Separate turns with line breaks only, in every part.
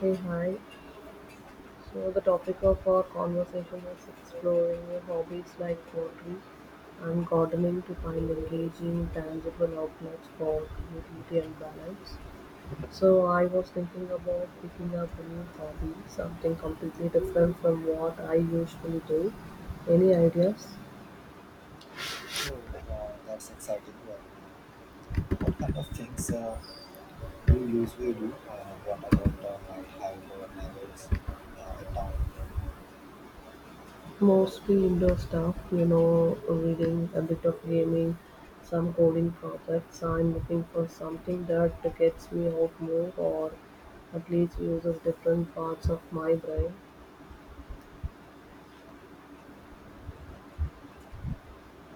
Hey, hi. So, the topic of our conversation is exploring your hobbies like pottery and gardening to find engaging, tangible outlets for creativity and balance. So, I was thinking about picking up a new hobby, something completely different from what I usually do. Any ideas?
Oh, that's exciting one. What kind of things you usually do? What about the night hike or neighbors in town?
Mostly indoor stuff, you know, reading, a bit of gaming, some coding projects. I'm looking for something that gets me out more or at least uses different parts of my brain.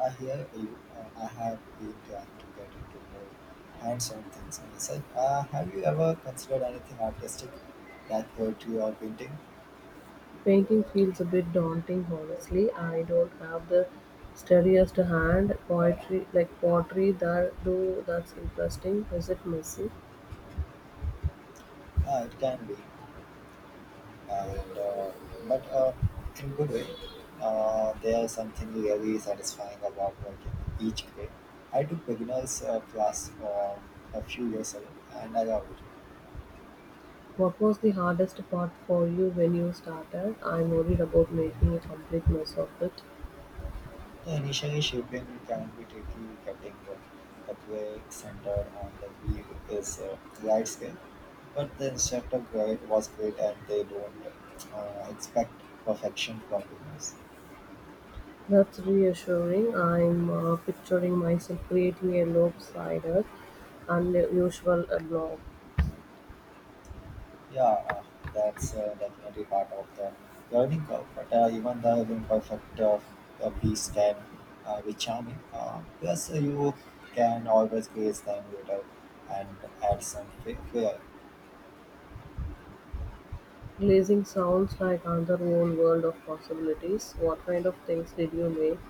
I hear you. I have been trying to get into more hands-on things myself. Have you ever considered anything artistic, like poetry or painting?
Painting feels a bit daunting, honestly. I don't have the steadiest hand. Poetry, like pottery, that though, that's interesting. Is it messy?
It can be, and but in good way. There's something really satisfying about working each grade. I took beginners class a few years ago, and I loved it.
What was the hardest part for you when you started? I'm worried about making a complete mess of it.
The initially shaping can be tricky, getting the play centered on the wheel is right skill, but the instructor grade was great and they don't expect perfection from beginners.
That's reassuring. I'm picturing myself creating a lopsided, unusual blob.
Yeah, that's definitely part of the learning curve. But even the imperfect piece can be charming. Plus, you can always praise them later and add some flair.
Glazing sounds like another whole world of possibilities. What kind of things did you make?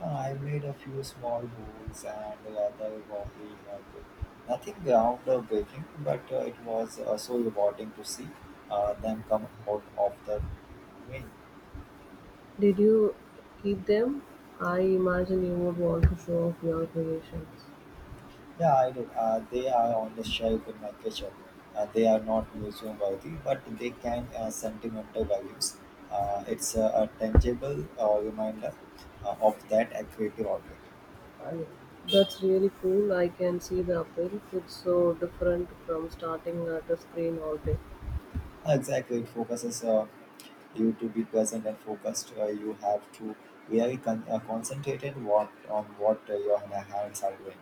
I made a few small holes and rather wobbly mug. Nothing groundbreaking, but it was so rewarding to see them come out of the rain.
Did you keep them? I imagine you would want to show off your creations.
Yeah, I do. They are on the shelf in my kitchen. They are not museum worthy, but they can sentimental values. It's a tangible reminder of that creative outlet.
That's really cool. I can see the appeal. It's so different from starting at a screen all day.
Exactly, it focuses you to be present and focused. You have to really concentrated what on what your hands are doing.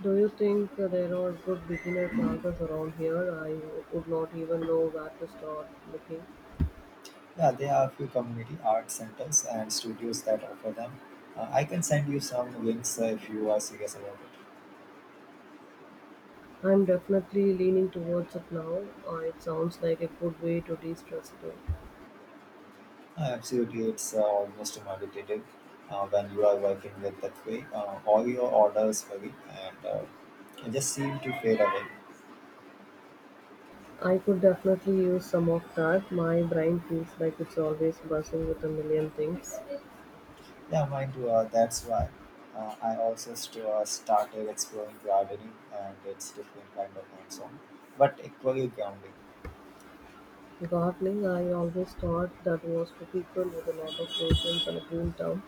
Do you think there are good beginner classes around here? Would not even know where to start looking.
Yeah, there are a few community art centers and studios that offer them. I can send you some links if you are serious about it.
I'm definitely leaning towards it now. It sounds like a good way to de stress too.
Absolutely, it's almost meditative when you are working with that way. All your orders vary and they just seem to fade away.
I could definitely use some of that. My brain feels like it's always buzzing with a million things.
Yeah, mine too. That's why I also started exploring gardening and its different kind of hands-on, but equally grounding.
Gardening, I always thought that was for people with a lot of patience and a green thumb.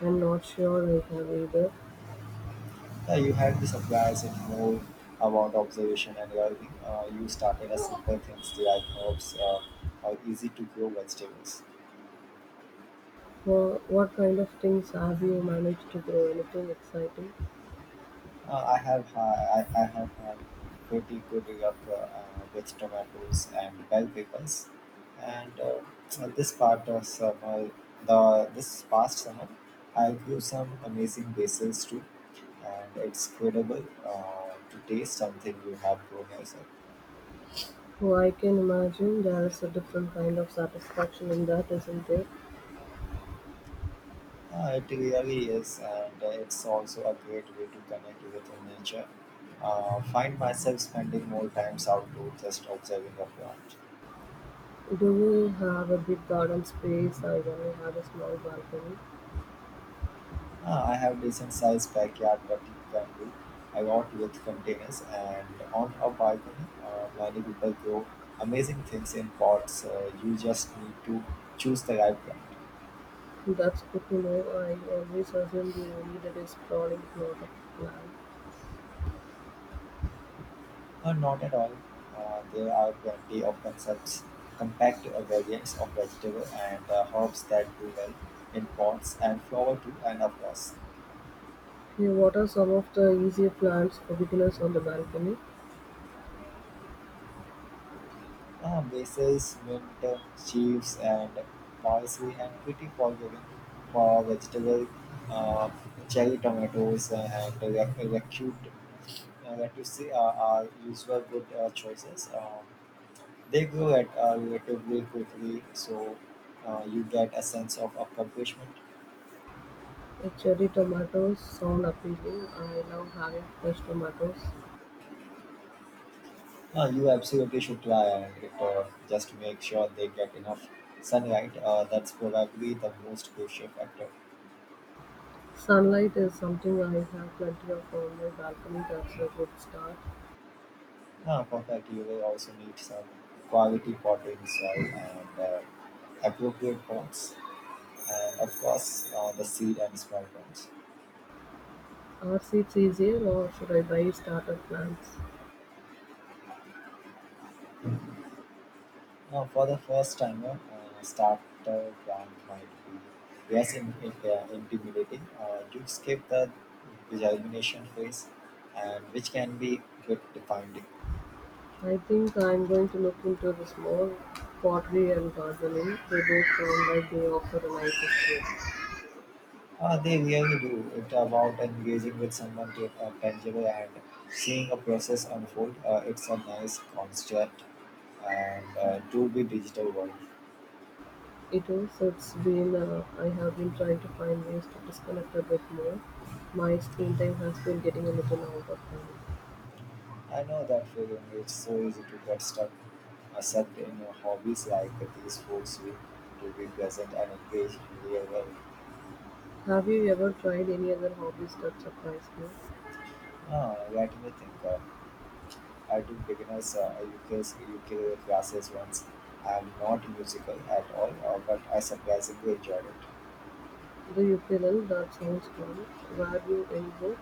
I'm not sure I have either.
Yeah, you had the supplies and more about observation and gardening. You started as simple things like herbs or easy to grow vegetables.
What kind of things have you managed to grow? Anything exciting?
Uh, I have ha I have had pretty good luck with tomatoes and bell peppers, and this part of summer, the this past summer, I grew some amazing basils too, and it's incredible to taste something you have grown yourself.
Oh, I can imagine there's a different kind of satisfaction in that, isn't there?
It really is, and it's also a great way to connect with nature. Find myself spending more times outdoors just observing the plant.
Do you have a big garden space? I only have a small balcony.
Ah, I have decent sized backyard, but you can do. I got with containers and on a balcony. Many people grow amazing things in pots. You just need to choose the right plant.
That's good to know. I always assumed you needed a sprawling plot of land.
Not at all. There are plenty of concepts, compact variants of vegetable and herbs that do well in pots and flower too, and of course.
Here, what are some of the easier plants for beginners on the balcony?
Ah, bases, mint, chives, and parsley, and pretty forgiving for vegetable, uh, cherry tomatoes, and recute, lettuce are usual good choices. They grow at relatively quickly, so you get a sense of accomplishment.
Cherry tomatoes sound appealing. I love having fresh tomatoes.
You absolutely should try and it, just to make sure they get enough sunlight. That's probably the most crucial factor.
Sunlight is something I have plenty of on my balcony. That's a good start.
Ah, perfect. You will also need some quality potting soil and appropriate pots, and of course, the seed and small plants.
Are seeds easier or should I buy starter plants?
Now, for the first timer, starter plant might be less intimidating. You skip the germination phase, and which can be bit defined.
I think I'm going to look into this more. Pottery and gardening, they both sound like they offer a nice escape.
They really do. It's about engaging with someone to tangible and seeing a process unfold. It's a nice concept and to be digital world.
It is, I have been trying to find ways to disconnect a bit more. My screen time has been getting a little out of hand.
I know that feeling. It's so easy to get stuck, sucked in your hobbies like these force you to be present and engaged in the real world.
Have you ever tried any other hobbies that surprised you?
Let me think. I took beginners UK's UK classes once. I'm not musical at all, but I surprisingly enjoyed it.
The ukulele, that sounds fun. Were you any good?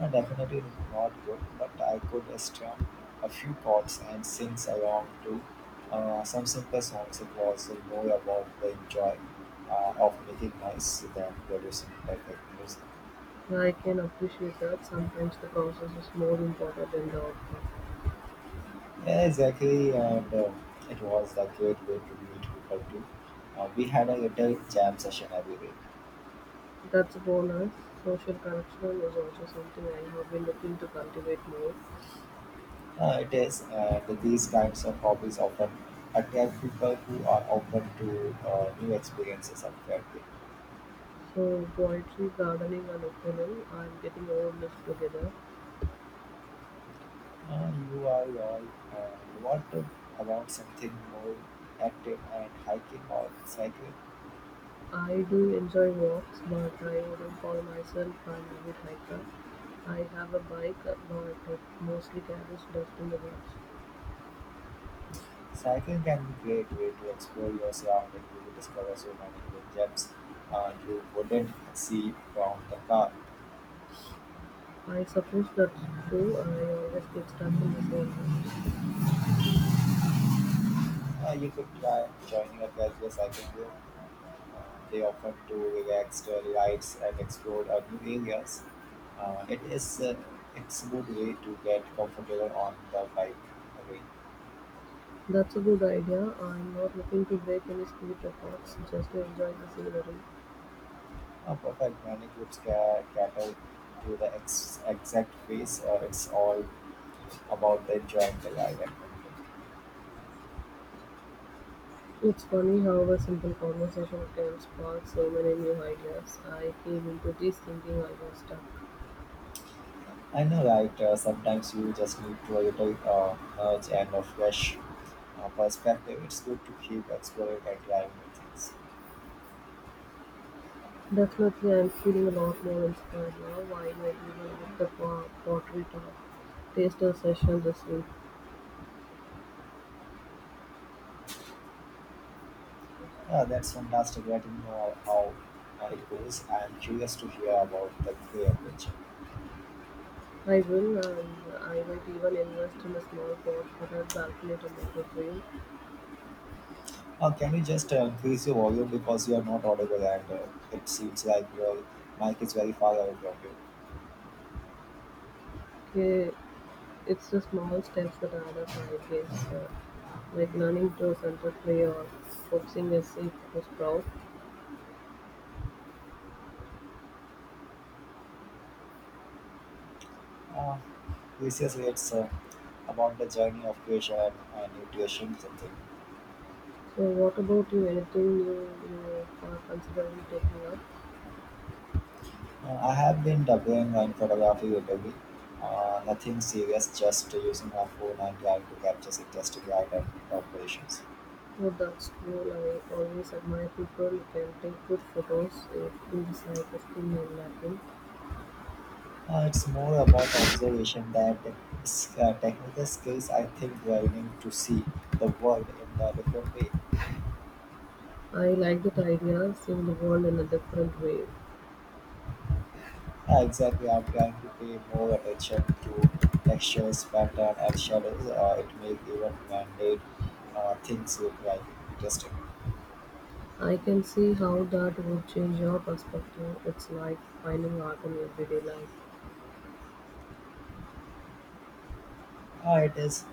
I definitely not good, but I could strum a few chords and sing along to some simple songs. It was more about the joy of making noise than producing perfect music.
I can appreciate that sometimes the process is more important than the outcome.
Yeah, exactly, and it was a great way to meet people too. We had a little jam session every week.
That's a bonus. Social connection is also something I have been looking to cultivate more.
It is, and these kinds of hobbies often attract people who are open to new experiences and creativity.
So, poetry, gardening, and ukulele, I'm getting all this together.
Non-URL, and what about something more active and hiking or cycling?
I do enjoy walks, but I wouldn't call myself an avid hiker. I have a bike, but it mostly carries dust in the woods.
Cycling can be great way to explore your surroundings. You will discover so many hidden gems you wouldn't see from the car.
I suppose that's true. I always get stuck in the same loops.
You could try joining a casual cycling group. They often do relaxed rides and explore new areas. Uh, it is uh, it's a good way to get comfortable on the bike again.
That's a good idea. I'm not looking to break any speed records, just to enjoy the scenery.
Perfect. Many groups cater to the exact phase. It's all about the enjoying the live adventure.
It's funny how a simple conversation can spark so many new ideas. I came into this thinking I was stuck.
I know, right? Sometimes you just need to a little nudge and a fresh perspective. It's good to keep exploring and trying new things.
Definitely, I'm feeling a lot more inspired now. I might even book the pottery talk taster session this week.
Yeah, that's fantastic. Let me know how it goes. I'm curious to hear about the Grey adventure.
I will, and I might even invest in a small pot for that balcony tomato dream.
Can you just increase your volume because you are not audible, and it seems like your mic is very far away from you.
Okay, it's the small steps that add up, I guess, like learning to center play or coaxing a seed to sprout.
Uh, Yes, yes, it's about the journey of creation and nutrition something.
So what about you? Anything you are considering taking up?
I have been dabbling in photography lately. Nothing serious, just using my phone and trying to capture interesting light and operations.
Oh, that's cool. I always admire people who can take good photos. It feels like a skill I'm lacking.
It's more about observation that technical skills. I think learning to see the world in a different way.
I like that idea, seeing the world in a different way.
Yeah, exactly. I'm trying to pay more attention to textures, pattern, and shadows. It makes even man-made things look like interesting.
I can see how that would change your perspective. It's like finding art in everyday life.
It is,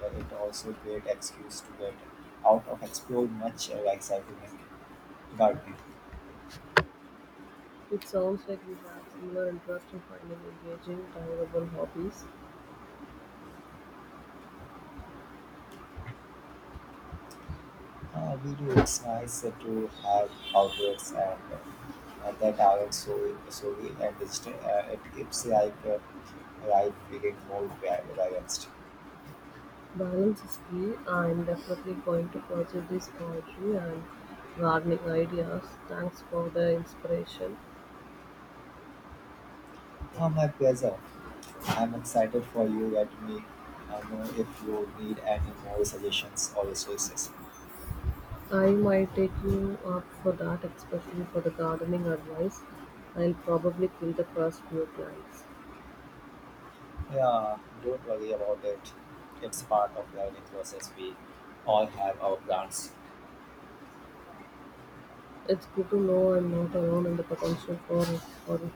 and it also great excuse to get out of explore much like cycling and gardening.
It sounds like we have similar interest in finding engaging, tangible hobbies.
We do. It's nice to have outlets and that aren't so solely and digital. It keeps like life feeling more balanced.
Balance is key. I am definitely going to pursue these poetry and gardening ideas. Thanks for the inspiration.
My pleasure. I'm excited for you. Let me know if you need any more suggestions or resources.
I might take you up for that, especially for the gardening advice. I'll probably kill the first few plants.
Yeah, don't worry about it. It's part of learning process. We all have our plans.
It's good to know I'm not alone in the potential for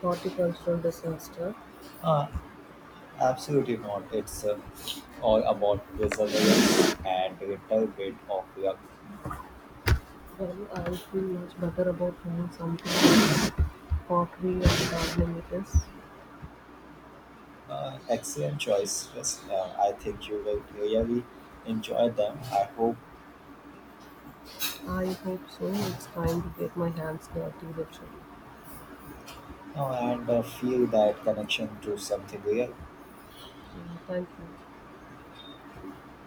horticultural disaster.
Uh, Absolutely not. It's all about perseverance and a little bit of luck.
Well, I'll feel much better about trying something like pottery and gardening it is.
Excellent choice. Yes, I think you will really enjoy them. I hope
I hope so. It's time to get my hands dirty, literally.
and feel that connection to something real.
Yeah, thank you.